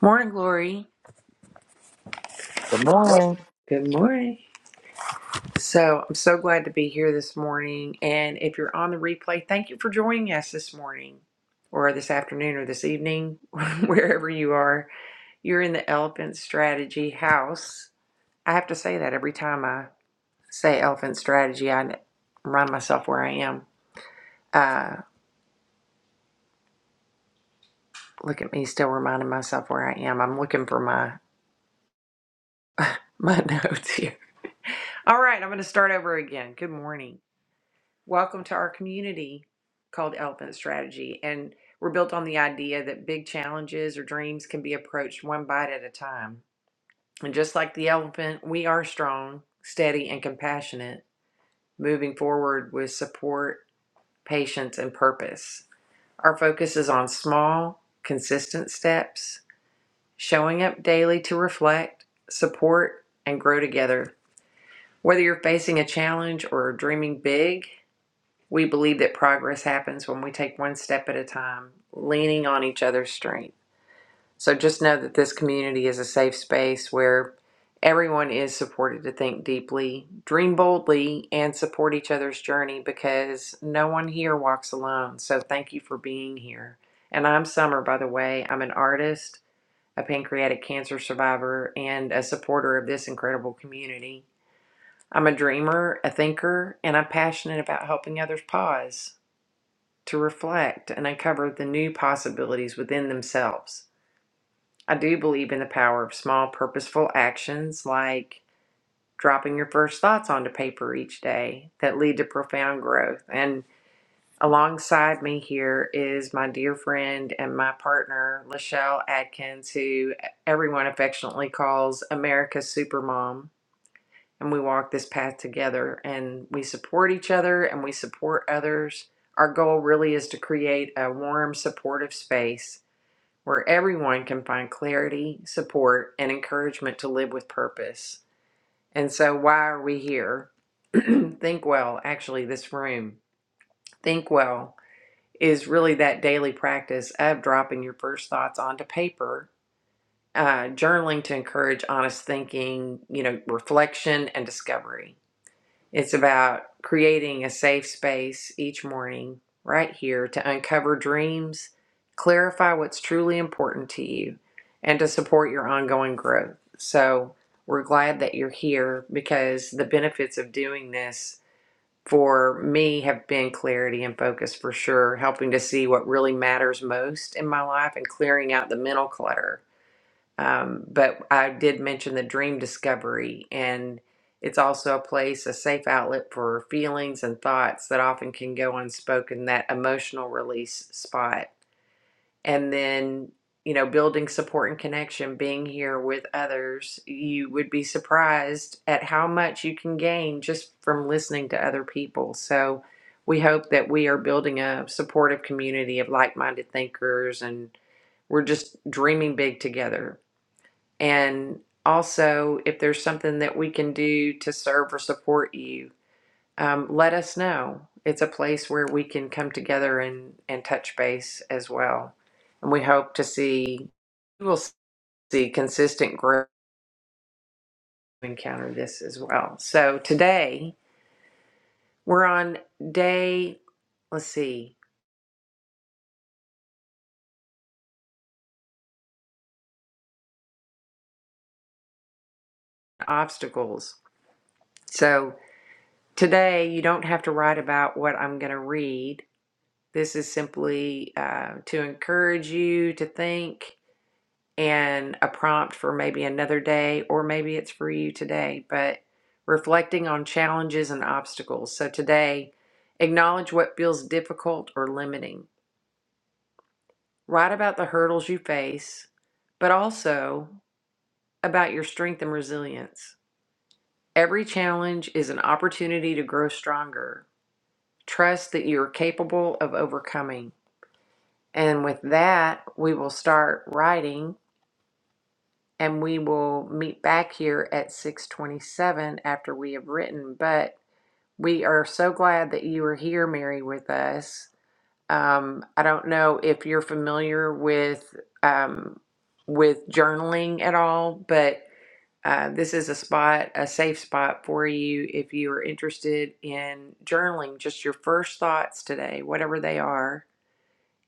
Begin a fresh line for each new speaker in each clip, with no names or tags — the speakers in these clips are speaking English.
Morning, Glory.
Good morning.
Good morning. So I'm so glad to be here this morning. And if you're on the replay, thank you for joining us this morning, or this afternoon, or this evening, wherever you are. You're in the Elephant Strategy House. I have to say that every time I say Elephant Strategy, I remind myself where I am. Uh, look at me, still reminding myself where I am. I'm looking for my my notes here. All right, I'm going to start over again. Good morning. Welcome to our community called Elephant Strategy. And we're built on the idea that big challenges or dreams can be approached one bite at a time. And just like the elephant, we are strong, steady, and compassionate, moving forward with support, patience, and purpose. Our focus is on small, consistent steps, showing up daily to reflect, support, and grow together. Whether you're facing a challenge or dreaming big, We believe that progress happens when we take one step at a time, leaning on each other's strength. So just know that this community is a safe space where everyone is supported to think deeply, dream boldly, and support each other's journey because no one here walks alone. So thank you for being here. And I'm Summer, by the way. I'm an artist, a pancreatic cancer survivor, and a supporter of this incredible community. I'm a dreamer, a thinker, and I'm passionate about helping others pause to reflect and uncover the new possibilities within themselves. I do believe in the power of small, purposeful actions like dropping your first thoughts onto paper each day that lead to profound growth. And alongside me here is my dear friend and my partner, Lachelle Atkins, who everyone affectionately calls America's Supermom and we walk this path together and we support each other and we support others. Our goal really is to create a warm, supportive space where everyone can find clarity, support, and encouragement to live with purpose. And so, why are we here? Think well, actually, this room, Think well is really that daily practice of dropping your first thoughts onto paper, uh, journaling to encourage honest thinking, you know, reflection and discovery it's about creating a safe space each morning right here to uncover dreams, clarify what's truly important to you, and to support your ongoing growth. So, we're glad that you're here because the benefits of doing this for me have been clarity and focus for sure, helping to see what really matters most in my life and clearing out the mental clutter um, but I did mention the dream discovery, and it's also a place, a safe outlet for feelings and thoughts that often can go unspoken, that emotional release spot. And then, you know, building support and connection, being here with others, you would be surprised at how much you can gain just from listening to other people. So, we hope that we are building a supportive community of like minded thinkers and we're just dreaming big together and also, if there's something that we can do to serve or support you, um, let us know. It's a place where we can come together and, and touch base as well. And we hope to see, we will see consistent growth encounter this as well. So today we're on day, let's see, obstacles. So today you don't have to write about what I'm going to read. This is simply uh, to encourage you to think and a prompt for maybe another day, or maybe it's for you today, but reflecting on challenges and obstacles. So today, acknowledge what feels difficult or limiting. Write about the hurdles you face, but also about your strength and resilience. Every challenge is an opportunity to grow stronger. Trust that you are capable of overcoming. And with that, we will start writing and we will meet back here at 6:27 after we have written but we are so glad that you are here Mary with us um, I don't know if you're familiar with um, with journaling at all but uh, this is a spot a safe spot for you if you are interested in journaling just your first thoughts today whatever they are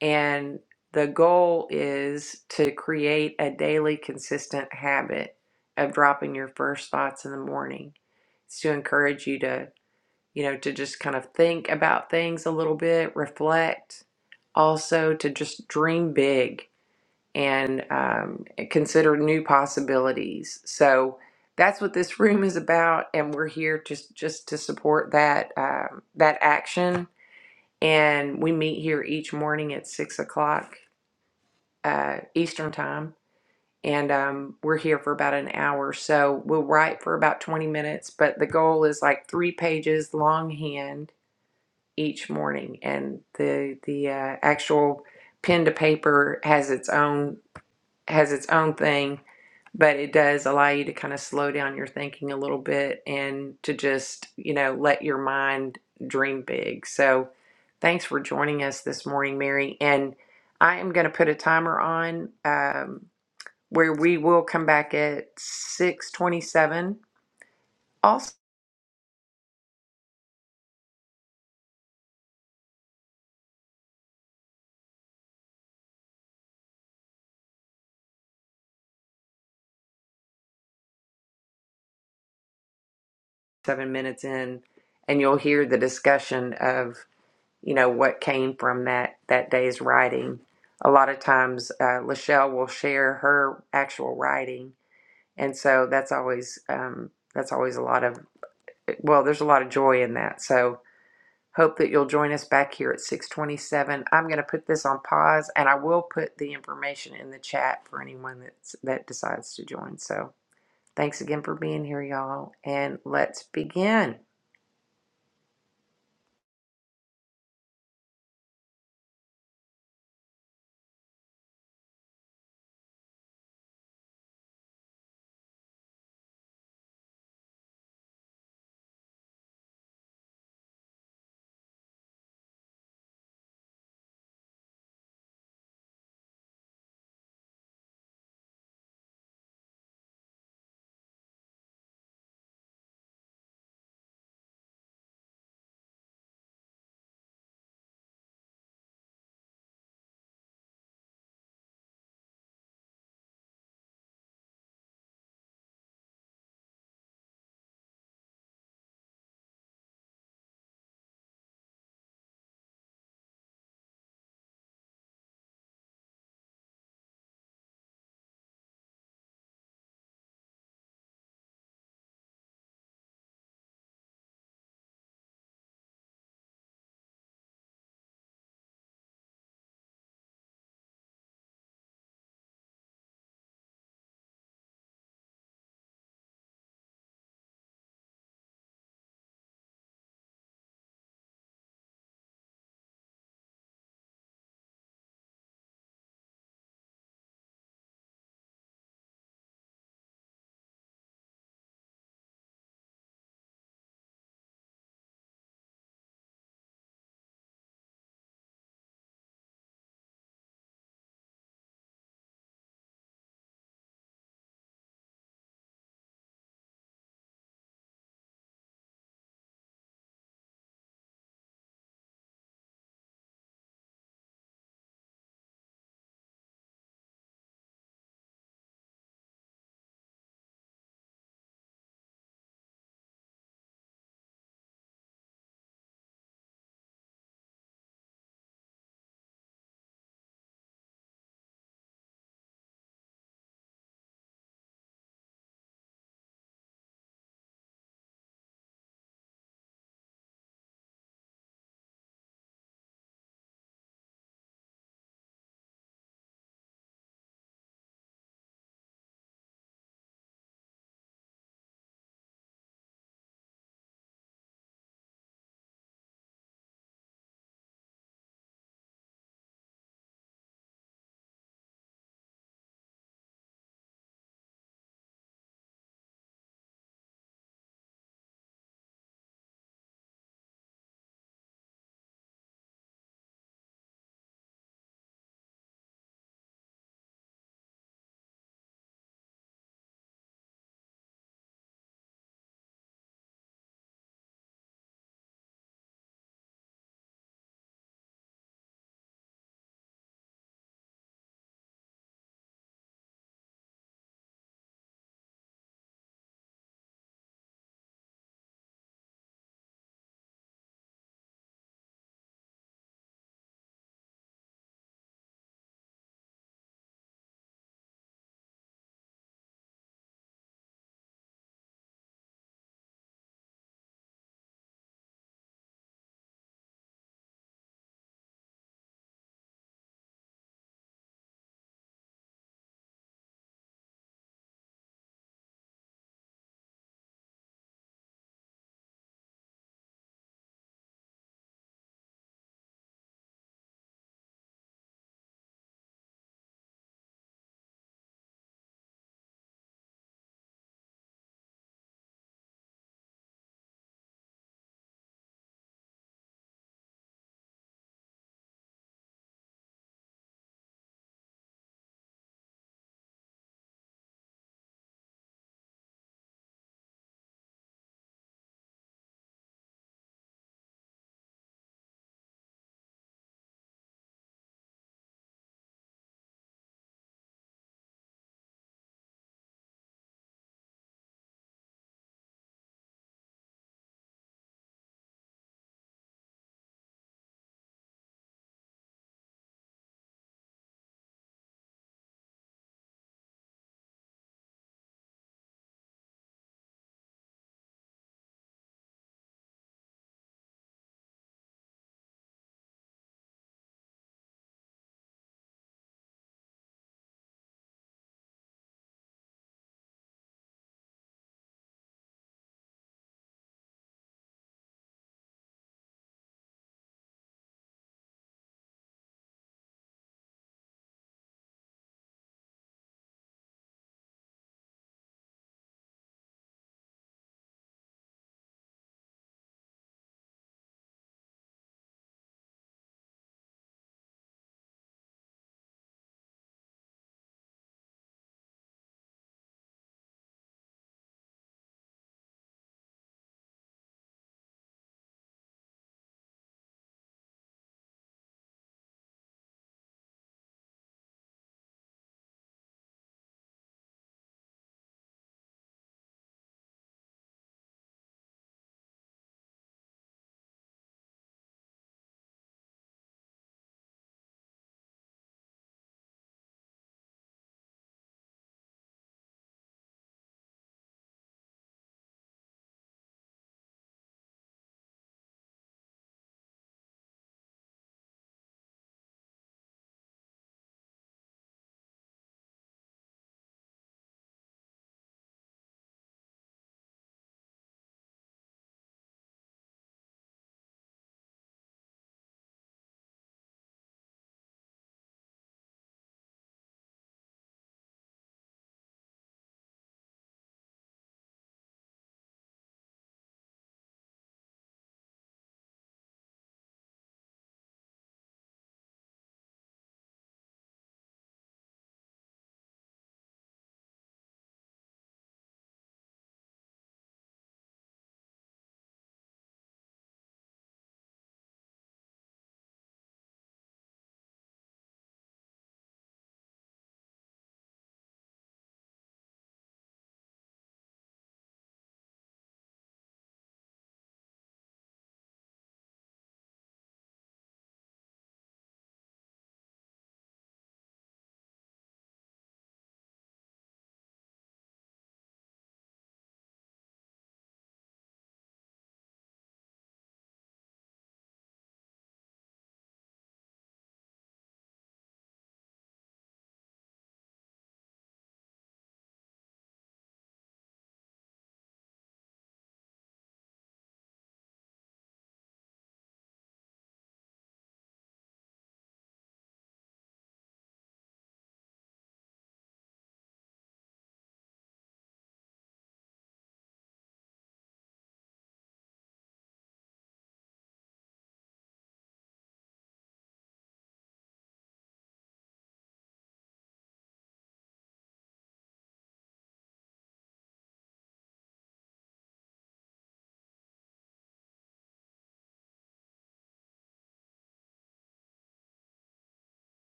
and the goal is to create a daily consistent habit of dropping your first thoughts in the morning. It's to encourage you to, you know, to just kind of think about things a little bit, reflect, also to just dream big and um, consider new possibilities. So that's what this room is about, and we're here just just to support that um, that action. And we meet here each morning at six o'clock uh, Eastern time, and um, we're here for about an hour. So we'll write for about 20 minutes, but the goal is like three pages longhand each morning, and the the uh, actual pen to paper has its own has its own thing, but it does allow you to kind of slow down your thinking a little bit and to just you know let your mind dream big. So thanks for joining us this morning, Mary, and I am going to put a timer on. Um, where we will come back at 6:27 also 7 minutes in and you'll hear the discussion of you know what came from that that day's writing a lot of times uh, Lachelle will share her actual writing and so that's always um, that's always a lot of well there's a lot of joy in that so hope that you'll join us back here at 627 i'm going to put this on pause and i will put the information in the chat for anyone that's that decides to join so Thanks again for being here, y'all, and let's begin.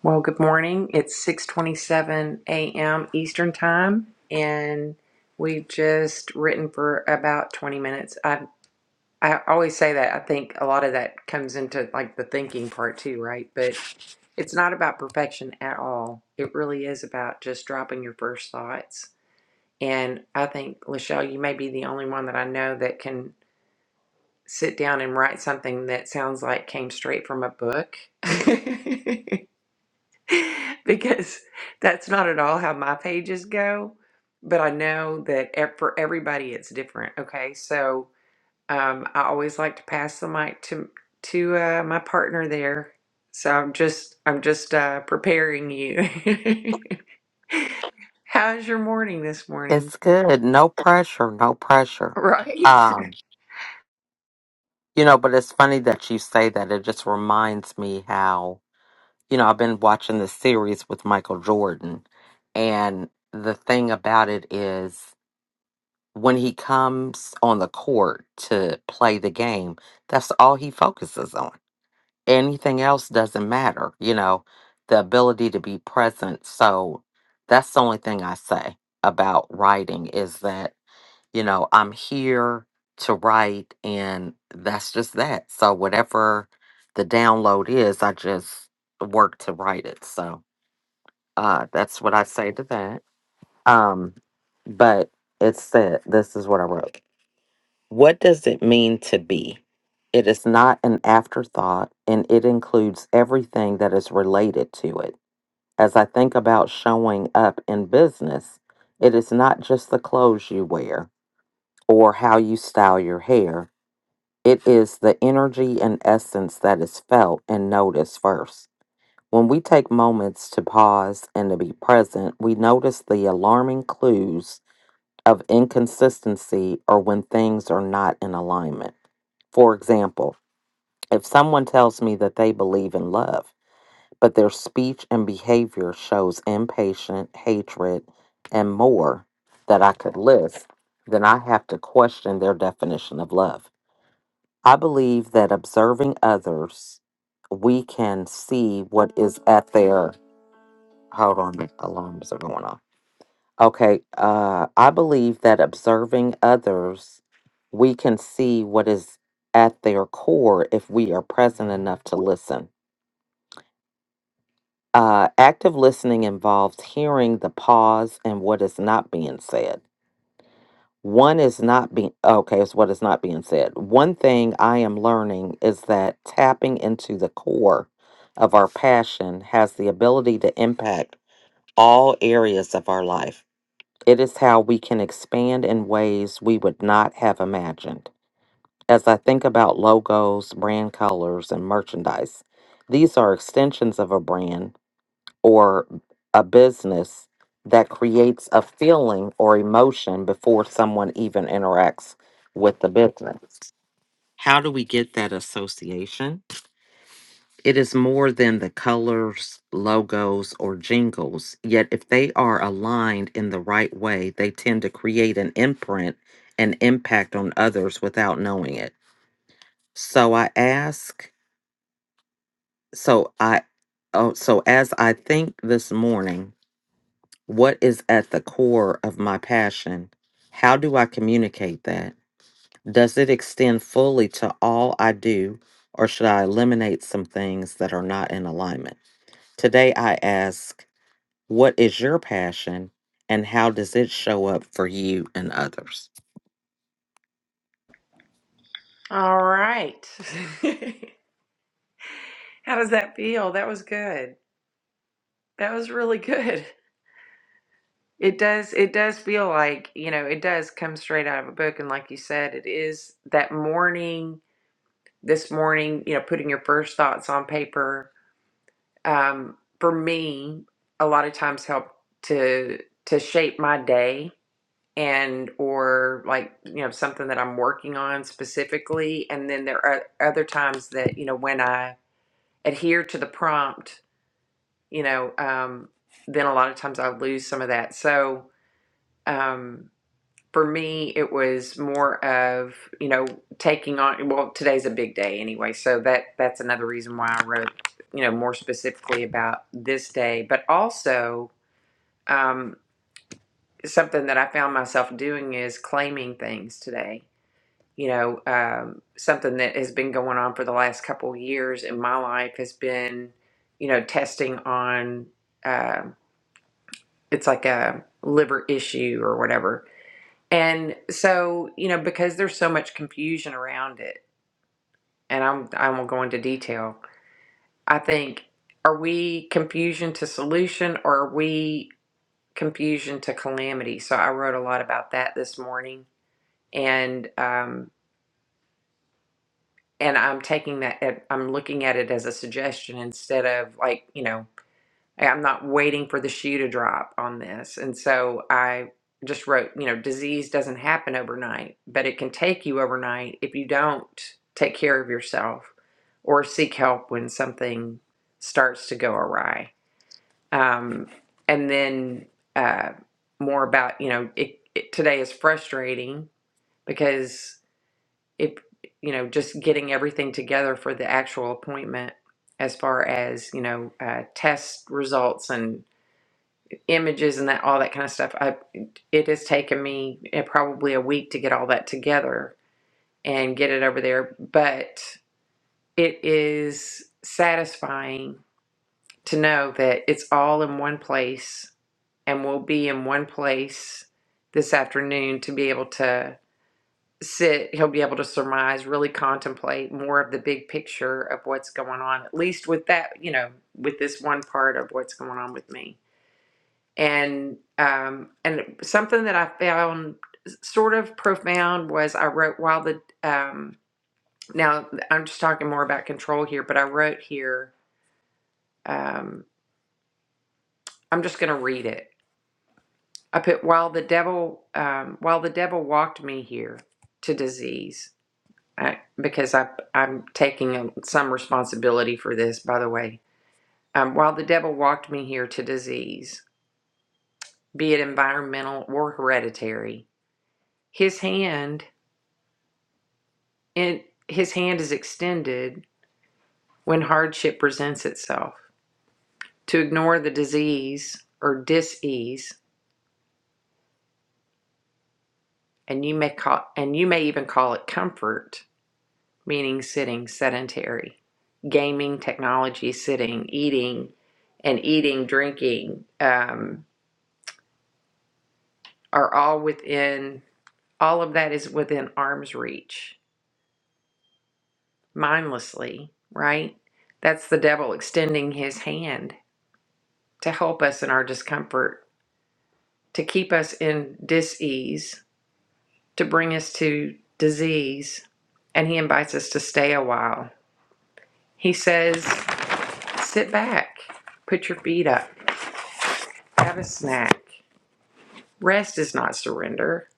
Well, good morning. It's 6:27 a.m. Eastern Time, and we've just written for about 20 minutes. I I always say that. I think a lot of that comes into like the thinking part too, right? But it's not about perfection at all. It really is about just dropping your first thoughts. And I think Lachelle, you may be the only one that I know that can sit down and write something that sounds like came straight from a book because that's not at all how my pages go but i know that ev- for everybody it's different okay so um, i always like to pass the mic to to uh, my partner there so i'm just i'm just uh, preparing you how's your morning this morning
It's good. No pressure. No pressure.
right
Um, you know, but it's funny that you say that. It just reminds me how, you know, I've been watching this series with Michael Jordan. And the thing about it is when he comes on the court to play the game, that's all he focuses on. Anything else doesn't matter, you know, the ability to be present. So that's the only thing I say about writing is that you know, I'm here to write, and that's just that. So, whatever the download is, I just work to write it. So, uh, that's what I say to that. Um, but it said, this is what I wrote. What does it mean to be? It is not an afterthought, and it includes everything that is related to it. As I think about showing up in business, it is not just the clothes you wear or how you style your hair. It is the energy and essence that is felt and noticed first. When we take moments to pause and to be present, we notice the alarming clues of inconsistency or when things are not in alignment. For example, if someone tells me that they believe in love, but their speech and behavior shows impatient, hatred, and more that I could list, then I have to question their definition of love. I believe that observing others, we can see what is at their. Hold on, the alarms are going off. Okay, uh, I believe that observing others, we can see what is at their core if we are present enough to listen. Uh, active listening involves hearing the pause and what is not being said. One is not being okay, it's what is not being said. One thing I am learning is that tapping into the core of our passion has the ability to impact all areas of our life. It is how we can expand in ways we would not have imagined. As I think about logos, brand colors, and merchandise, these are extensions of a brand or a business that creates a feeling or emotion before someone even interacts with the business. How do we get that association? It is more than the colors, logos, or jingles. Yet, if they are aligned in the right way, they tend to create an imprint and impact on others without knowing it. So I ask, so I, oh, so as I think this morning, What is at the core of my passion? How do I communicate that? Does it extend fully to all I do, or should I eliminate some things that are not in alignment? Today, I ask, What is your passion, and how does it show up for you and others?
all right how does that feel that was good That was really good. It does it does feel like, you know, it does come straight out of a book and like you said, it is that morning, this morning, you know, putting your first thoughts on paper um for me a lot of times help to to shape my day and or like, you know, something that I'm working on specifically and then there are other times that, you know, when I adhere to the prompt, you know, um then a lot of times I lose some of that. So, um, for me, it was more of you know taking on. Well, today's a big day anyway, so that that's another reason why I wrote you know more specifically about this day, but also um, something that I found myself doing is claiming things today. You know, um, something that has been going on for the last couple of years in my life has been you know testing on. um it's like a liver issue or whatever And so, you know, because there's so much confusion around it, and I'm I won't go into detail. I think are we confusion to solution or are we confusion to calamity? So I wrote a lot about that this morning, and um, and I'm taking that at, I'm looking at it as a suggestion instead of like you know I'm not waiting for the shoe to drop on this. And so I just wrote, you know, disease doesn't happen overnight, but it can take you overnight if you don't take care of yourself or seek help when something starts to go awry. Um, and then uh, more about, you know, it, it, today is frustrating because if, you know, just getting everything together for the actual appointment as far as, you know, uh, test results and images and that all that kind of stuff I, it has taken me eh, probably a week to get all that together and get it over there but it is satisfying to know that it's all in one place and we'll be in one place this afternoon to be able to sit he'll be able to surmise really contemplate more of the big picture of what's going on at least with that you know with this one part of what's going on with me and um, and something that I found sort of profound was I wrote while the um, now I'm just talking more about control here, but I wrote here. Um, I'm just going to read it. I put while the devil um, while the devil walked me here to disease I, because I I'm taking um, some responsibility for this. By the way, um, while the devil walked me here to disease, be it environmental or hereditary, his hand. And his hand is extended when hardship presents itself. To ignore the disease or dis-ease, and you may call and you may even call it comfort, meaning sitting sedentary, gaming, technology, sitting, eating, and eating, drinking, um, are all within all of that is within arm's reach, mindlessly, right? That's the devil extending his hand to help us in our discomfort to keep us in dis-ease, to bring us to disease, and he invites us to stay a while. He says, sit back, put your feet up, have a snack. Rest is not surrender,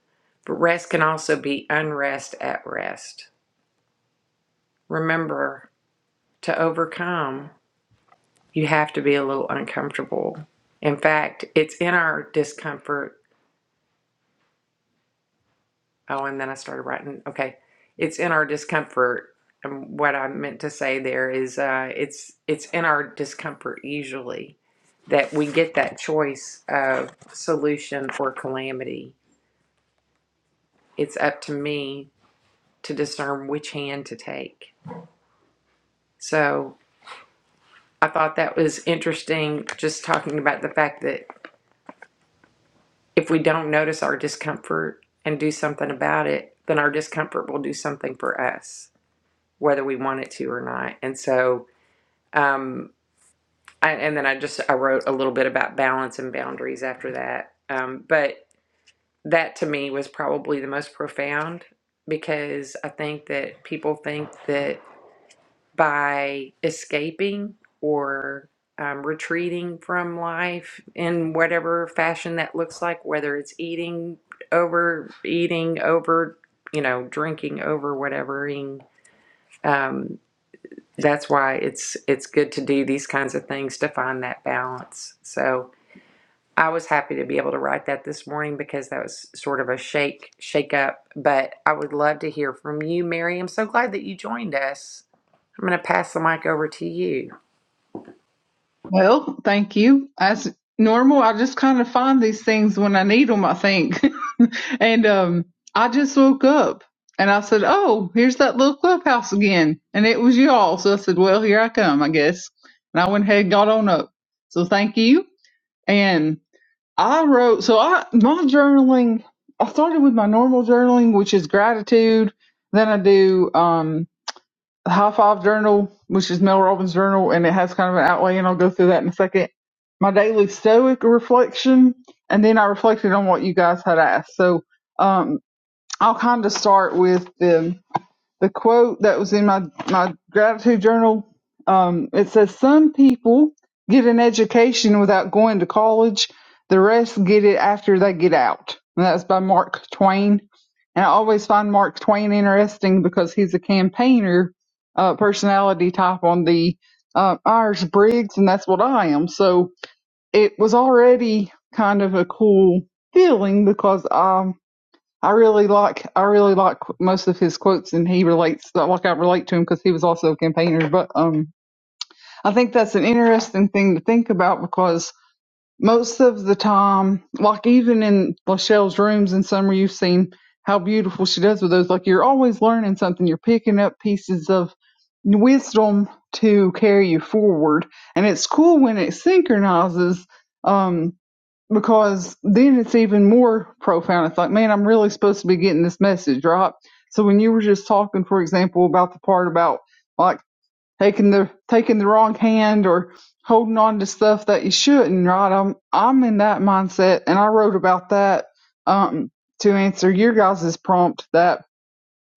but rest can also be unrest at rest. Remember, to overcome, you have to be a little uncomfortable. In fact, it's in our discomfort Oh, and then I started writing. Okay. It's in our discomfort. And what I meant to say there is uh, it's it's in our discomfort usually that we get that choice of solution or calamity. It's up to me to discern which hand to take. So I thought that was interesting just talking about the fact that if we don't notice our discomfort and do something about it, then our discomfort will do something for us, whether we want it to or not. And so um I, and then i just i wrote a little bit about balance and boundaries after that um but that to me was probably the most profound because i think that people think that by escaping or um, retreating from life in whatever fashion that looks like whether it's eating over eating over you know drinking over whatevering um, that's why it's it's good to do these kinds of things to find that balance. So I was happy to be able to write that this morning because that was sort of a shake shake up. But I would love to hear from you, Mary. I'm so glad that you joined us. I'm going to pass the mic over to you.
Well, thank you. As normal, I just kind of find these things when I need them, I think. and um, I just woke up and I said, Oh, here's that little clubhouse again. And it was y'all. So I said, Well, here I come, I guess. And I went ahead and got on up. So thank you. And I wrote, so I, my journaling, I started with my normal journaling, which is gratitude. Then I do, um, High Five Journal, which is Mel Robbins' journal, and it has kind of an outlay, and I'll go through that in a second. My daily Stoic reflection, and then I reflected on what you guys had asked. So um, I'll kind of start with the the quote that was in my, my gratitude journal. Um, it says, Some people get an education without going to college, the rest get it after they get out. And that's by Mark Twain. And I always find Mark Twain interesting because he's a campaigner uh, personality type on the uh, Irish Briggs, and that's what I am. So it was already kind of a cool feeling because um I really like I really like most of his quotes, and he relates like I relate to him because he was also a campaigner. But um, I think that's an interesting thing to think about because most of the time, like even in Lachelle's rooms in summer, you've seen how beautiful she does with those. Like you're always learning something, you're picking up pieces of wisdom to carry you forward, and it's cool when it synchronizes. Um, because then it's even more profound. It's like, man, I'm really supposed to be getting this message, right? So when you were just talking, for example, about the part about like taking the taking the wrong hand or holding on to stuff that you shouldn't, right? I'm I'm in that mindset, and I wrote about that um, to answer your guys' prompt that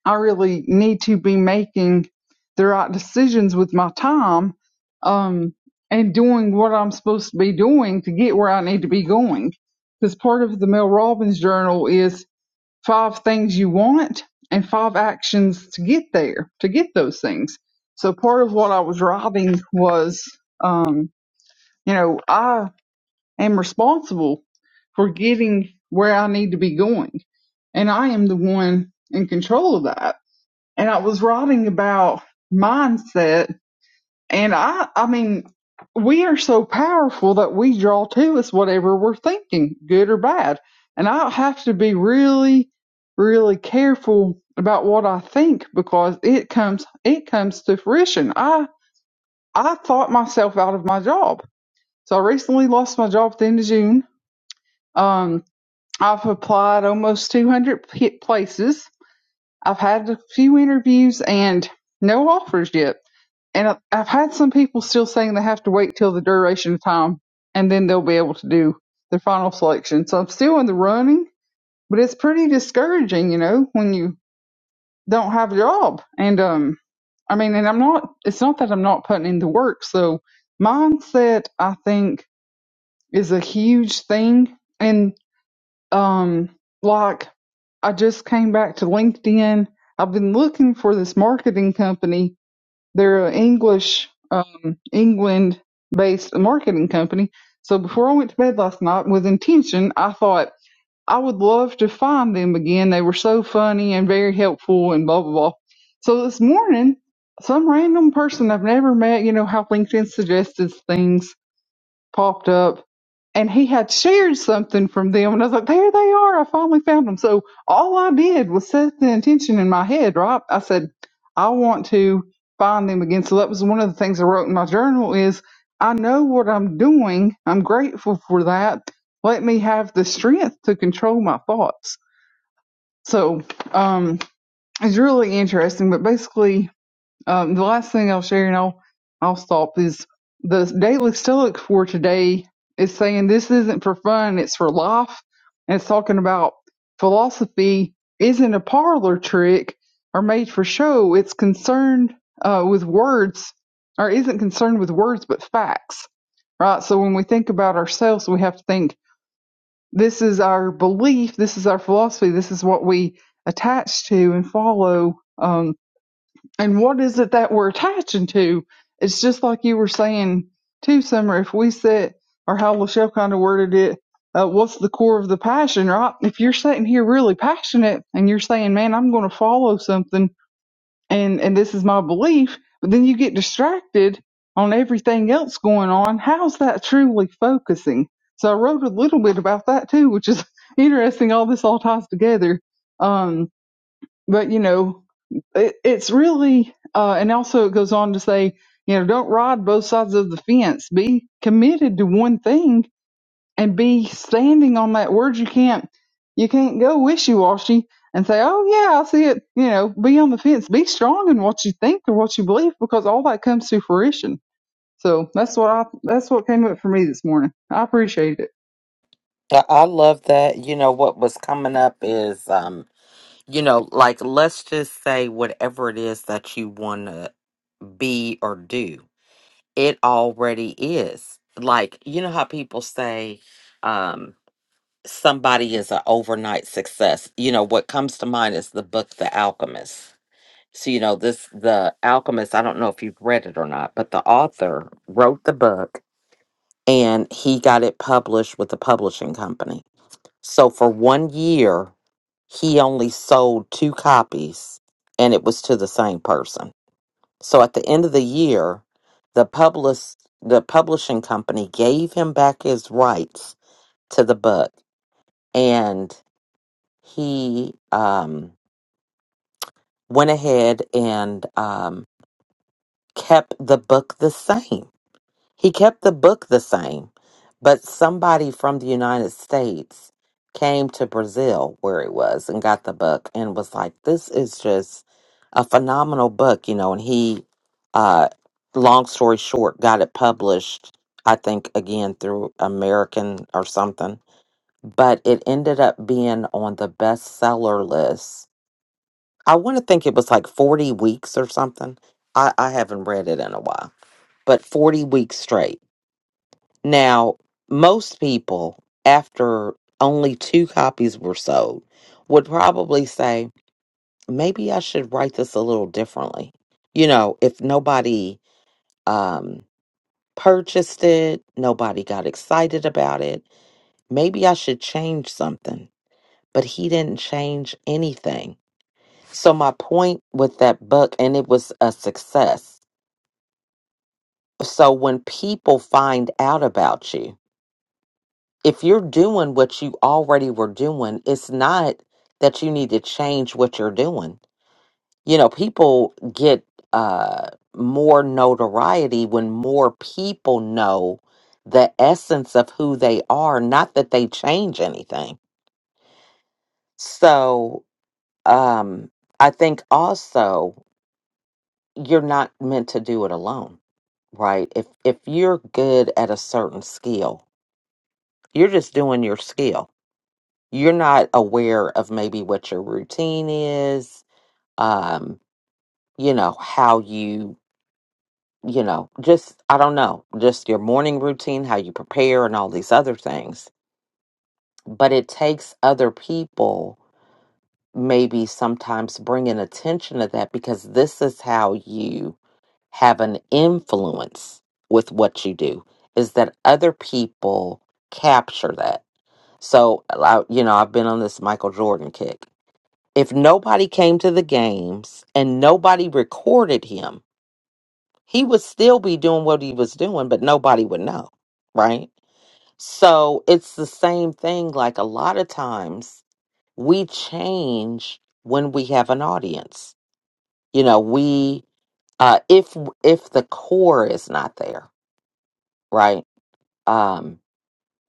I really need to be making the right decisions with my time um, and doing what I'm supposed to be doing to get where I need to be going. Because part of the Mel Robbins journal is five things you want and five actions to get there, to get those things. So part of what I was writing was, um, you know, I am responsible for getting where I need to be going. And I am the one in control of that and I was writing about mindset. And I, I mean, we are so powerful that we draw to us whatever we're thinking, good or bad. And I have to be really, really careful about what I think because it comes, it comes to fruition. I, I thought myself out of my job. So I recently lost my job at the end of June. Um, I've applied almost 200 p- places. I've had a few interviews and no offers yet And I- have had some people still saying they have to wait till the duration of time and then they'll be able to do their final selection. So I'm still in the running, but it's pretty discouraging, you know, when you don't have a job. And, um, I mean, and I'm not, it's not that I'm not putting in the work. So mindset, I think, is a huge thing. And, um, like I just came back to LinkedIn. I've been looking for this marketing company they're an English, um, England based marketing company. So before I went to bed last night with intention, I thought I would love to find them again. They were so funny and very helpful and blah, blah, blah. So this morning, some random person I've never met, you know, how LinkedIn suggests things popped up and he had shared something from them and I was like, there they are. I finally found them. So all I did was set the intention in my head, right? I said, I want to find them again. So that was one of the things I wrote in my journal is I know what I'm doing. I'm grateful for that. Let me have the strength to control my thoughts. So, um, it's really interesting, but basically um, the last thing I'll share, and I'll I'll stop, is the daily Stoic for today is saying this isn't for fun; it's for life, and it's talking about philosophy isn't a parlor trick or made for show. It's concerned uh, with words, or isn't concerned with words, but facts. Right. So when we think about ourselves, we have to think this is our belief, this is our philosophy, this is what we attach to and follow. Um, and what is it that we're attaching to? It's just like you were saying too, Summer. If we set, or how Lachelle kind of worded it, uh, what's the core of the passion, right? If you're sitting here really passionate and you're saying, "Man, I'm going to follow something," and and this is my belief, but then you get distracted on everything else going on. How's that truly focusing? So I wrote a little bit about that too, which is interesting. All this all ties together. Um, but you know, it, it's really, uh, and also it goes on to say, you know, don't ride both sides of the fence. Be committed to one thing and be standing on that word. You can't, you can't go wishy washy and say, oh yeah, I see it. You know, be on the fence. Be strong in what you think and what you believe because all that comes to fruition. So that's what I, that's what came up for me this morning. I appreciate it.
I I love that. You know, what was coming up is, um, you know, like let's just say whatever it is that you want to be or do it already is. Like, you know how people say um somebody is an overnight success. You know, what comes to mind is the book The Alchemist. So, you know, this The Alchemist, I don't know if you've read it or not, but the author wrote the book and he got it published with a publishing company. So for one year, he only sold two copies and it was to the same person so at the end of the year, the publish the publishing company gave him back his rights to the book, and he um, went ahead and um, kept the book the same. He kept the book the same, but somebody from the United States came to Brazil where it was and got the book and was like, This is just a phenomenal book, you know. And he, uh, long story short, got it published, I think, again through American or something. But it ended up being on the bestseller list. I want to think it was like 40 weeks or something. I, I haven't read it in a while, but 40 weeks straight now, most people, after only two copies were sold, would probably say, maybe I should write this a little differently. You know, if nobody um, purchased it, nobody got excited about it, maybe I should change something. But he didn't change anything. So, my point with that book, and it was a success. So, when people find out about you, if you're doing what you already were doing, it's not that you need to change what you're doing. You know, people get uh more notoriety when more people know the essence of who they are, not that they change anything. So, um I think also you're not meant to do it alone, right? If if you're good at a certain skill, you're just doing your skill you're not aware of maybe what your routine is um you know how you you know just i don't know just your morning routine how you prepare and all these other things but it takes other people maybe sometimes bringing attention to that because this is how you have an influence with what you do is that other people capture that so uh, I- you know i've been on this michael jordan kick if nobody came to the games and nobody recorded him, he would still be doing what he was doing, but nobody would know, right? So it's the same thing. Like a lot of times, we change when we have an audience. You know, we uh, if if the core is not there, right? Um,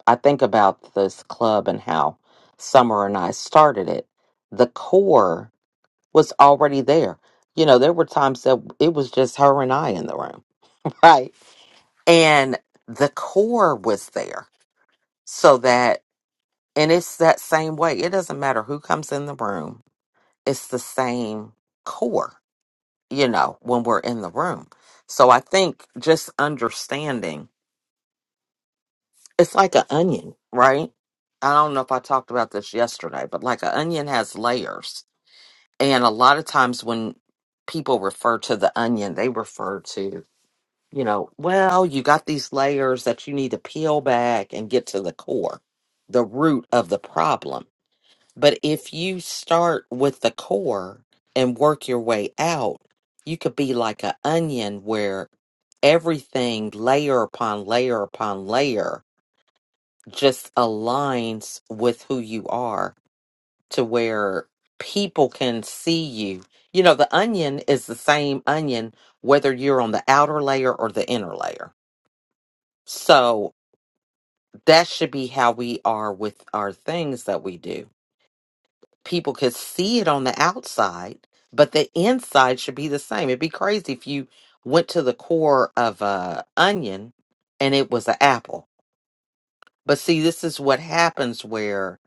I think about this club and how Summer and I started it. The core was already there. You know, there were times that it was just her and I in the room, right? And the core was there so that, and it's that same way. It doesn't matter who comes in the room, it's the same core, you know, when we're in the room. So I think just understanding it's like an onion, right? I don't know if I talked about this yesterday, but like an onion has layers. And a lot of times when people refer to the onion, they refer to you know, well, you got these layers that you need to peel back and get to the core, the root of the problem. But if you start with the core and work your way out, you could be like an onion where everything, layer upon layer upon layer, just aligns with who you are to where people can see you. You know, the onion is the same onion, whether you're on the outer layer or the inner layer so that should be how we are with our things that we do. People could see it on the outside, but the inside should be the same. It'd be crazy if you went to the core of a onion and it was an apple. But see, this is what happens where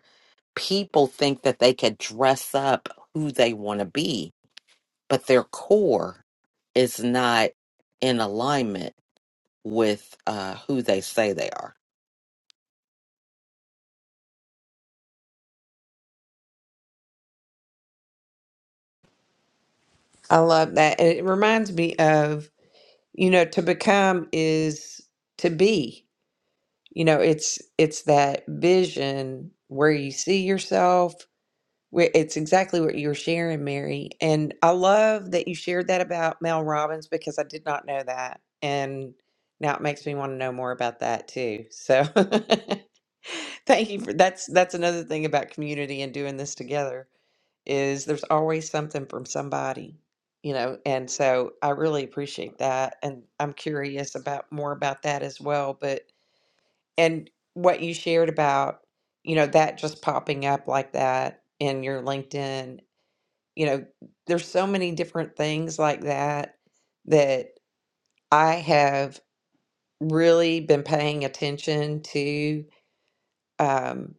people think that they could dress up who they want to be, but their core is not in alignment with uh, who they say they are.
I love that. And it reminds me of, you know, to become is to be. You know, it's it's that vision where you see yourself Wh- It's exactly what you were sharing, Mary. And I love that you shared that about Mel Robbins because I did not know that. And now it makes me want to know more about that too. So thank you for that's that's another thing about community and doing this together is there's always something from somebody, you know, and so I really appreciate that. And I'm curious about more about that as well. But and what you shared about you know that just popping up like that in your linkedin you know there's so many different things like that that i have really been paying attention to Um,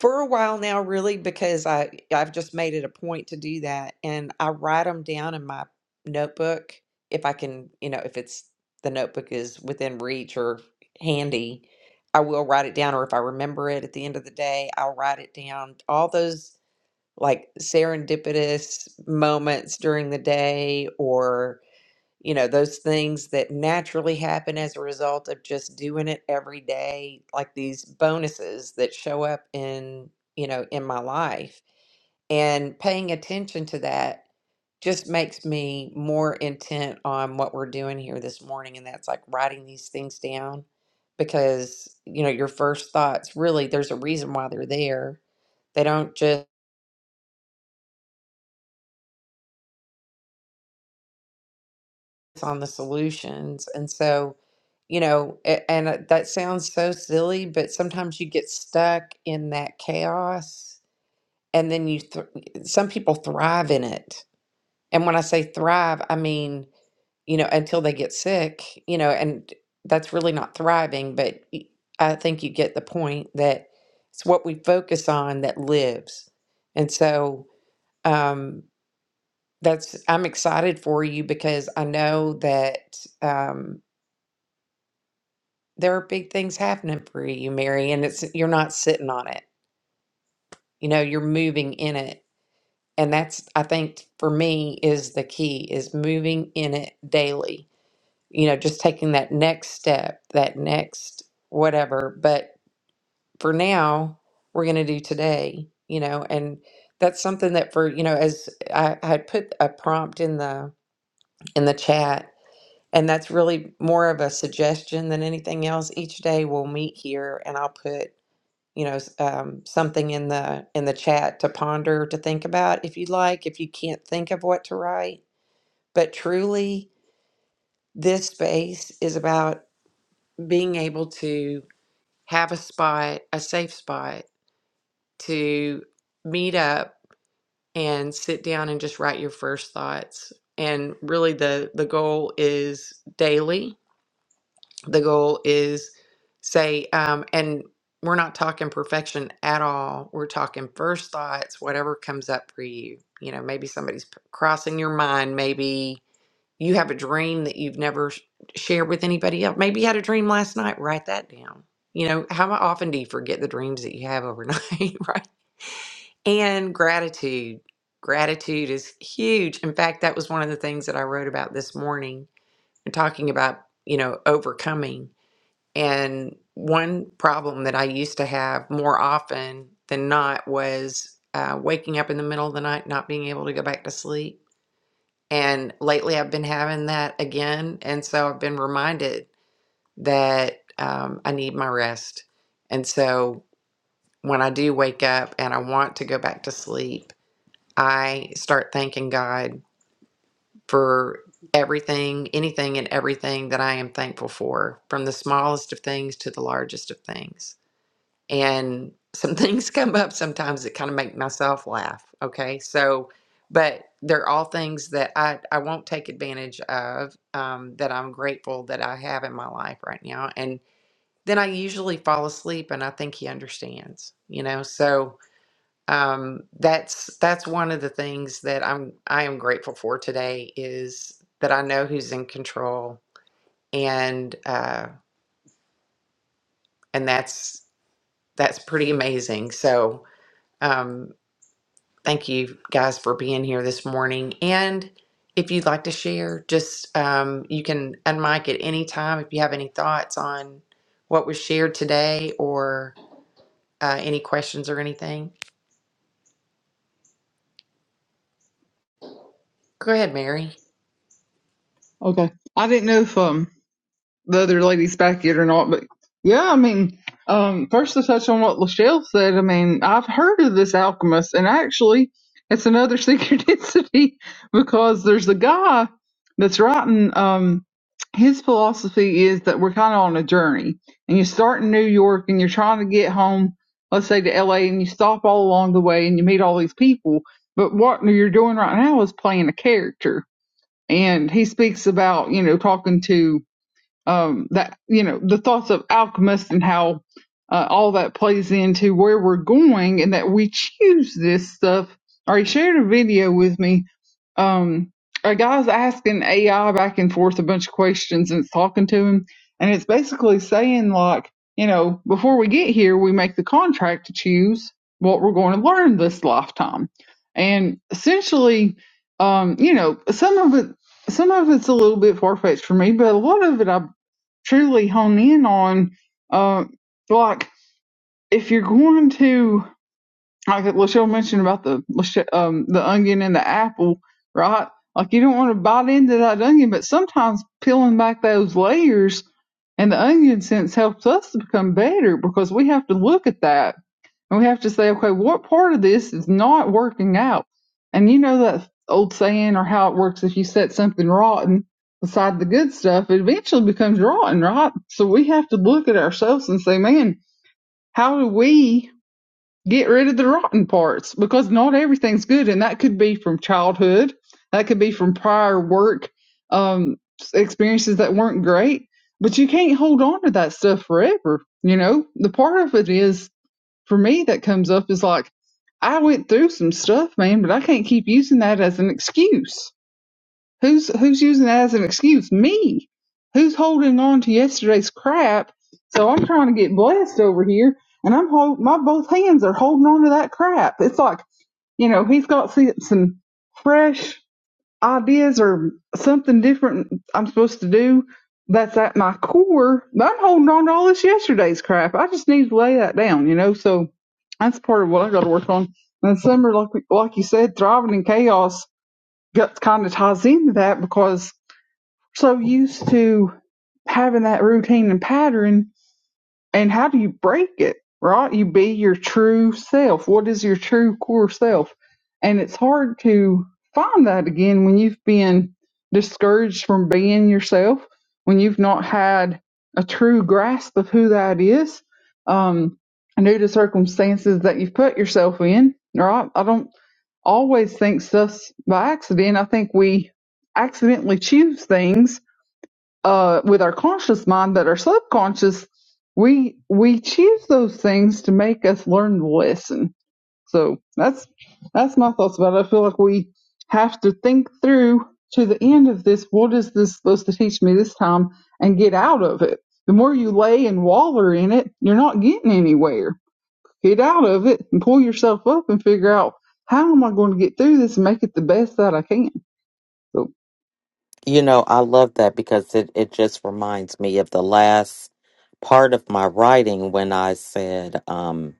for a while now really because i i've just made it a point to do that and i write them down in my notebook if i can you know if it's the notebook is within reach or handy i will write it down or if i remember it at the end of the day i'll write it down all those like serendipitous moments during the day or you know those things that naturally happen as a result of just doing it every day like these bonuses that show up in you know in my life and paying attention to that just makes me more intent on what we're doing here this morning and that's like writing these things down because you know your first thoughts really there's a reason why they're there they don't just on the solutions. And so, you know, a- and uh, that sounds so silly, but sometimes you get stuck in that chaos and then you, th- some people thrive in it. And when I say thrive, I mean, you know, until they get sick, you know, and that's really not thriving, but y- I think you get the point that it's what we focus on that lives. And so, um, that's, I'm excited for you because I know that, um, there are big things happening for you, Mary, and it's you're not sitting on it. You know, you're moving in it. And that's I think for me is the key is moving in it daily. You know, just taking that next step, that next whatever. But for now, we're going to do today, you know, and that's something that for, you know, as I I had put a prompt in the in the chat and that's really more of a suggestion than anything else. Each day we'll meet here and I'll put you know, s- um, something in the in the chat to ponder, to think about if you'd like, if you can't think of what to write. But truly, this space is about being able to have a spot, a safe spot to meet up and sit down and just write your first thoughts. And really the the goal is daily the goal is say um, and we're not talking perfection at all we're talking first thoughts whatever comes up for you you know maybe somebody's p- crossing your mind maybe you have a dream that you've never sh- shared with anybody else maybe you had a dream last night write that down you know how often do you forget the dreams that you have overnight right and gratitude gratitude is huge in fact that was one of the things that i wrote about this morning and talking about you know overcoming and one problem that I used to have more often than not was uh, waking up in the middle of the night, not being able to go back to sleep. And lately I've been having that again. And so I've been reminded that um, I need my rest. And so when I do wake up and I want to go back to sleep, I start thanking God for everything, anything, and everything that I am thankful for, from the smallest of things to the largest of things. and some things come up sometimes that kind of make myself laugh okay so but they're all things that i i won't take advantage of um, that i'm grateful that i have in my life right now and then i usually fall asleep and i think he understands you know so um, that's that's one of the things that i'm i am grateful for today is that i know who's in control and uh and that's that's pretty amazing so um Thank you guys for being here this morning. And if you'd like to share, just um, you can unmic at any time if you have any thoughts on what was shared today or uh, any questions or anything. Go ahead, Mary.
Okay. I didn't know if, um, the other ladies back yet or not, but yeah, I mean, um, first to touch on what Lachelle said, I mean, I've heard of this alchemist, and actually, it's another synchronicity because there's a guy that's writing. Um, his philosophy is that we're kind of on a journey, and you start in New York, and you're trying to get home, let's say to LA, and you stop all along the way, and you meet all these people. But what you're doing right now is playing a character, and he speaks about you know talking to um, that you know the thoughts of alchemists and how uh, all that plays into where we're going and that we choose this stuff. Or he shared a video with me. Um, a guy's asking AI back and forth a bunch of questions and it's talking to him, and it's basically saying like, you know, before we get here, we make the contract to choose what we're going to learn this lifetime, and essentially, um, you know, some of it some of it's a little bit far fetched for me, but a lot of it I truly hone in on. Uh, like if you're going to, like Lachelle mentioned about the um the onion and the apple, right? Like you don't want to bite into that onion, but sometimes peeling back those layers and the onion sense helps us to become better because we have to look at that and we have to say, okay, what part of this is not working out? And you know that old saying or how it works if you set something rotten beside the good stuff, it eventually becomes rotten, right? So we have to look at ourselves and say, man, how do we get rid of the rotten parts? Because not everything's good. And that could be from childhood, that could be from prior work um, experiences that weren't great. But you can't hold on to that stuff forever. You know, the part of it is for me that comes up is like I went through some stuff, man, but I can't keep using that as an excuse. Who's who's using that as an excuse? Me. Who's holding on to yesterday's crap? So I'm trying to get blessed over here, and I'm hold my both hands are holding on to that crap. It's like you know he's got some some fresh ideas or something different I'm supposed to do that's at my core, I'm holding on to all this yesterday's crap. I just need to lay that down, you know. So that's part of what I got to work on. And summer, like like you said, thriving in chaos got kind of ties into that because we're so used to having that routine and pattern and how do you break it right you be your true self what is your true core self and it's hard to find that again when you've been discouraged from being yourself when you've not had a true grasp of who that is um due to circumstances that you've put yourself in right i don't always think stuff by accident i think we accidentally choose things uh, with our conscious mind that our subconscious we we choose those things to make us learn the lesson. So that's that's my thoughts about it. I feel like we have to think through to the end of this. What is this supposed to teach me this time? And get out of it. The more you lay and waller in it, you're not getting anywhere. Get out of it and pull yourself up and figure out how am I going to get through this and make it the best that I can. So
You know, I love that because it, it just reminds me of the last part of my writing when I said, um,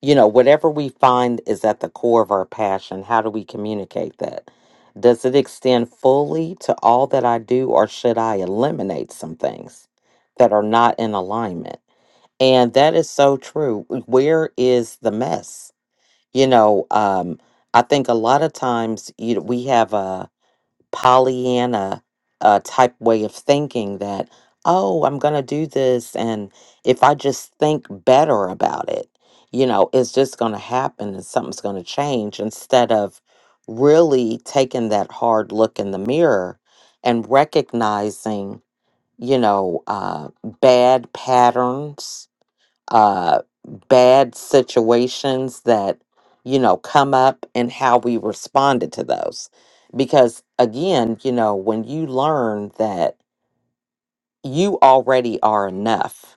you know, whatever we find is at the core of our passion, how do we communicate that? Does it extend fully to all that I do, or should I eliminate some things that are not in alignment? And that is so true. Where is the mess? You know, um, I think a lot of times you, we have a Pollyanna uh, type way of thinking that, oh, I'm going to do this. And if I just think better about it, you know, it's just going to happen and something's going to change instead of really taking that hard look in the mirror and recognizing, you know, uh, bad patterns uh, bad situations that you know come up and how we responded to those because again you know when you learn that you already are enough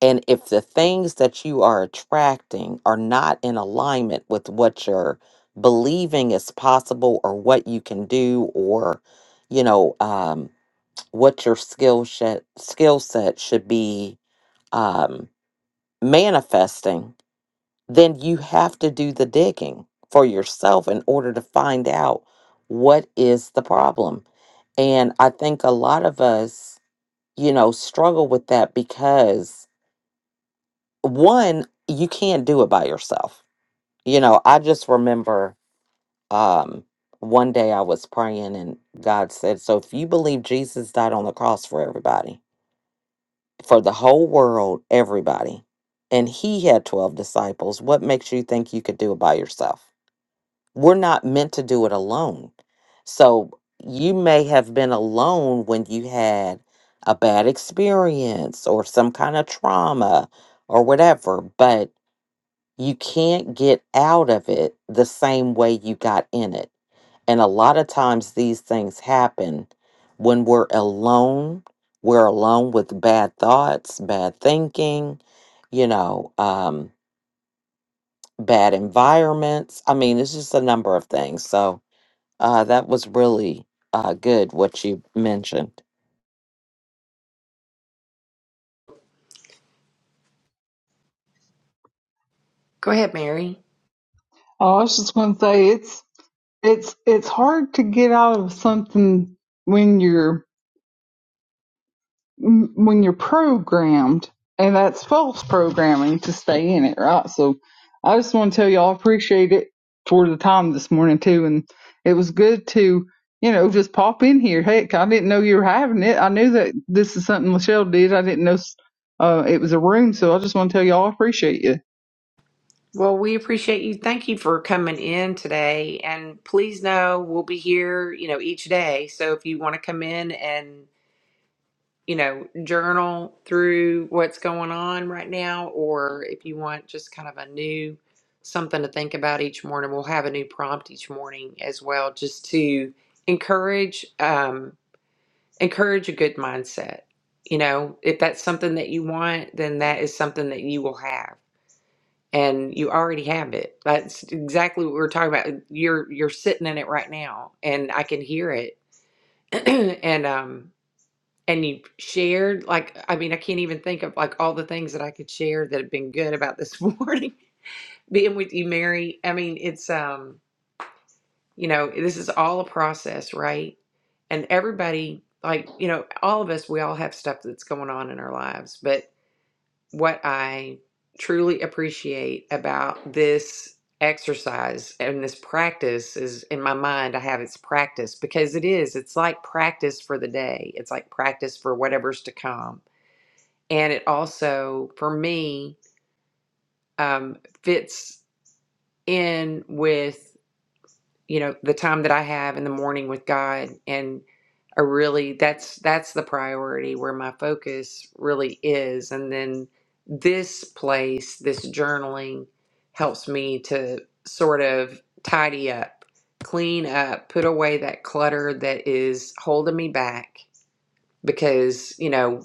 and if the things that you are attracting are not in alignment with what you're believing is possible or what you can do or you know um, what your skill set skill set should be um, manifesting then you have to do the digging for yourself in order to find out what is the problem. And I think a lot of us, you know, struggle with that because one, you can't do it by yourself. You know, I just remember um one day I was praying and God said, "So if you believe Jesus died on the cross for everybody, for the whole world, everybody, and he had 12 disciples, what makes you think you could do it by yourself?" we're not meant to do it alone. So you may have been alone when you had a bad experience or some kind of trauma or whatever, but you can't get out of it the same way you got in it. And a lot of times these things happen when we're alone. We're alone with bad thoughts, bad thinking, you know, um, bad environments. I mean, it's just a number of things. So, uh, that was really uh, good what you mentioned.
Go ahead, Mary.
Oh, I was just going to say it's it's it's hard to get out of something when you're when you're programmed, and that's false programming to stay in it, right? So, I just want to tell y'all I appreciate it for the time this morning too, and it was good to you know just pop in here. Heck, I didn't know you were having it. I knew that this is something Michelle did. I didn't know uh, it was a room, so I just want to tell y'all I appreciate you.
Well, we appreciate you. Thank you for coming in today. And please know we'll be here, you know, each day. So if you want to come in and you know, journal through what's going on right now, or if you want just kind of a new something to think about each morning, we'll have a new prompt each morning as well, just to encourage um, encourage a good mindset. You know, if that's something that you want, then that is something that you will have, and you already have it. That's exactly what we we're talking about. You're you're sitting in it right now, and I can hear it, and um and you shared like i mean i can't even think of like all the things that i could share that have been good about this morning being with you mary i mean it's um you know this is all a process right and everybody like you know all of us we all have stuff that's going on in our lives but what i truly appreciate about this exercise and this practice is in my mind i have it's practice because it is it's like practice for the day it's like practice for whatever's to come and it also for me um, fits in with you know the time that i have in the morning with god and i really that's that's the priority where my focus really is and then this place this journaling helps me to sort of tidy up clean up put away that clutter that is holding me back because you know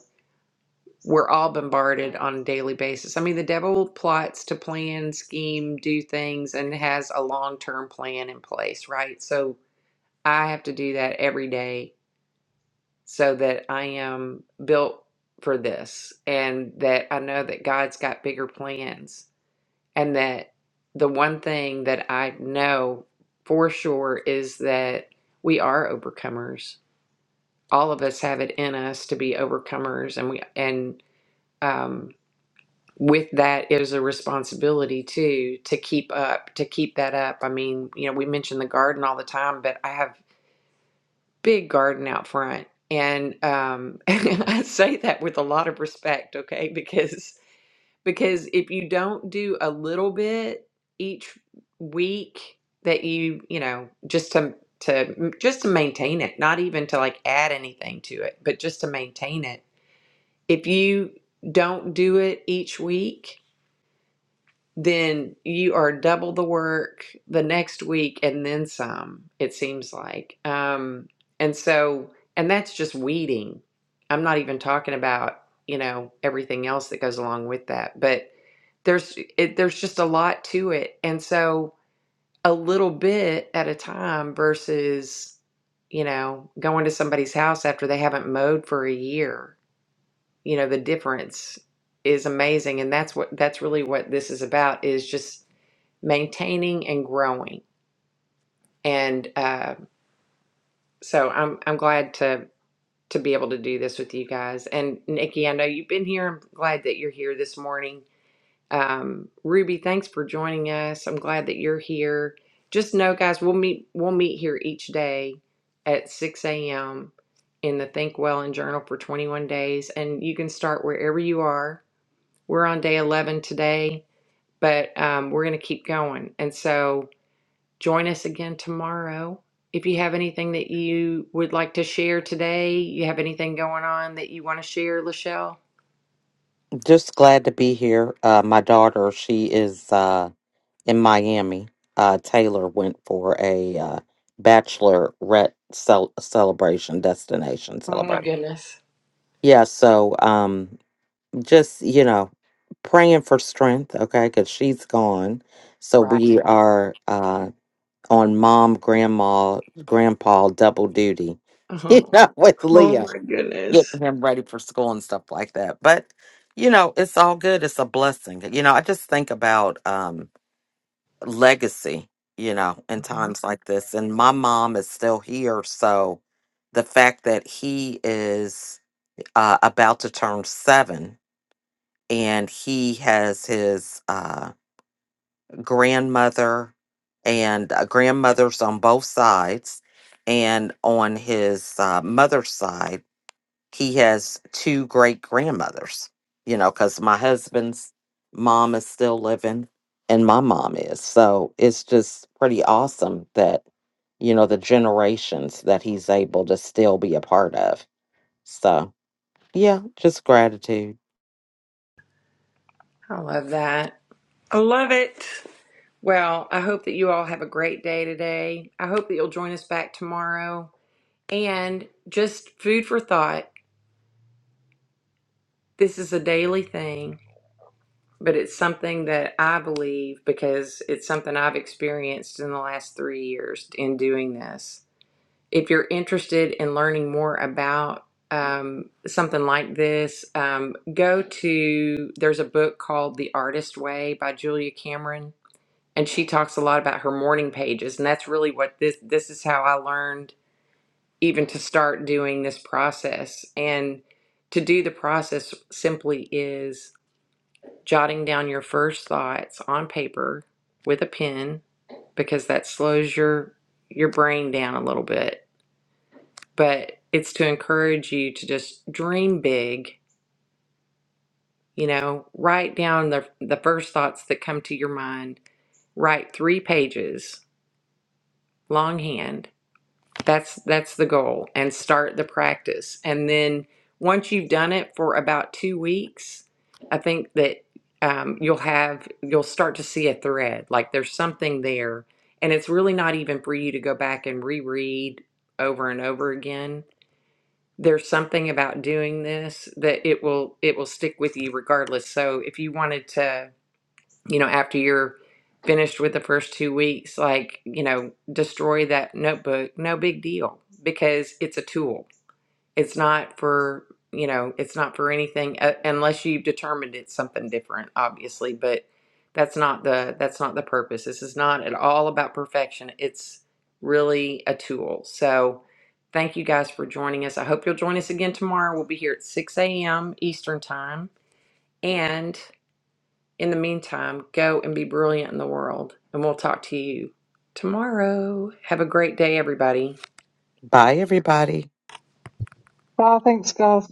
we're all bombarded on a daily basis. I mean, the devil plots to plan, scheme, do things, and has a long term plan in place, right? So I have to do that every day so that I am built for this and that I know that God's got bigger plans and that the one thing that I know for sure is that we are overcomers. All of us have it in us to be overcomers and we and um. with that is a responsibility too to keep up to keep that up i mean you know we mention the garden all the time but i have big garden out front and um i say that with a lot of respect okay because because if you don't do a little bit each week that you you know just to to just to maintain it not even to like add anything to it but just to maintain it if you don't do it each week then you are double the work the next week and then some, it seems like. Um, and so, and that's just weeding. I'm not even talking about, you know, everything else that goes along with that, but there's it, there's just a lot to it. And so a little bit at a time versus, you know, going to somebody's house after they haven't mowed for a year. You know, the difference is amazing and that's what that's really what this is about is just maintaining and growing. And uh, so I'm I'm glad to to be able to do this with you guys. And Nikki, I know you've been here. I'm glad that you're here this morning. Um, Ruby, thanks for joining us. I'm glad that you're here. Just know, guys, we'll meet we'll meet here each day at 6 a.m. in the Think Well and Journal for 21 days, and you can start wherever you are. We're on day 11 today, but um, we're going to keep going. And so Join us again tomorrow. If you have anything that you would like to share today, you have anything going on that you want to share, Lachelle?
Just glad to be here. Uh, my daughter, she is uh, in Miami. Uh, Taylor went for a uh, bachelorette cel- celebration, destination
Oh my
celebration.
goodness.
Yeah, so um, just, you know, praying for strength, okay, because she's gone. So
Right.
we are uh, on mom, grandma, grandpa double duty, you
Oh,
know, with
oh
Leo.
my
getting
goodness.
him ready for school and stuff like that. But you know, it's all good. It's a blessing. You know, I just think about um legacy, you know, in
Mhm.
times like this. And my mom is still here, so the fact that he is uh, about to turn seven and he has his uh, grandmother and uh, grandmothers on both sides and on his uh, mother's side he has two great grandmothers, you know, because my husband's mom is still living and my mom is. So it's just pretty awesome that, you know, the generations that he's able to still be a part of. So, yeah, just gratitude.
I love that. I love it. Well, I hope that you all have a great day today. I hope that you'll join us back tomorrow. And just food for thought this is a daily thing. but it's something that I believe because it's something I've experienced in the last three years in doing this. If you're interested in learning more about um, something like this, um, go to there's a book called The Artist Way by Julia Cameron, and she talks a lot about her morning pages, and that's really what this this is how I learned even to start doing this process and to do the process simply is jotting down your first thoughts on paper with a pen because that slows your your brain down a little bit but it's to encourage you to just dream big you know write down the the first thoughts that come to your mind write 3 pages longhand That's that's the goal and start the practice. And then once you've done it for about 2 weeks, I think that um, you'll have you'll start to see a thread like there's something there and it's really not even for you to go back and reread over and over again. There's something about doing this that it will it will stick with you regardless. So if you wanted to you know, after you're finished with the first two weeks, like, you know, destroy that notebook, no big deal because it's a tool. It's not for, you know, it's not for anything uh, unless you've determined it's something different, obviously, but that's not the that's not the purpose. This is not at all about perfection. It's really a tool. So thank you guys for joining us. I hope you'll join us again tomorrow. We'll be here at 6 a.m. Eastern time. And in the meantime, go and be brilliant in the world, and we'll talk to you tomorrow. Have a great day, everybody.
Bye, everybody.
Bye, thanks guys.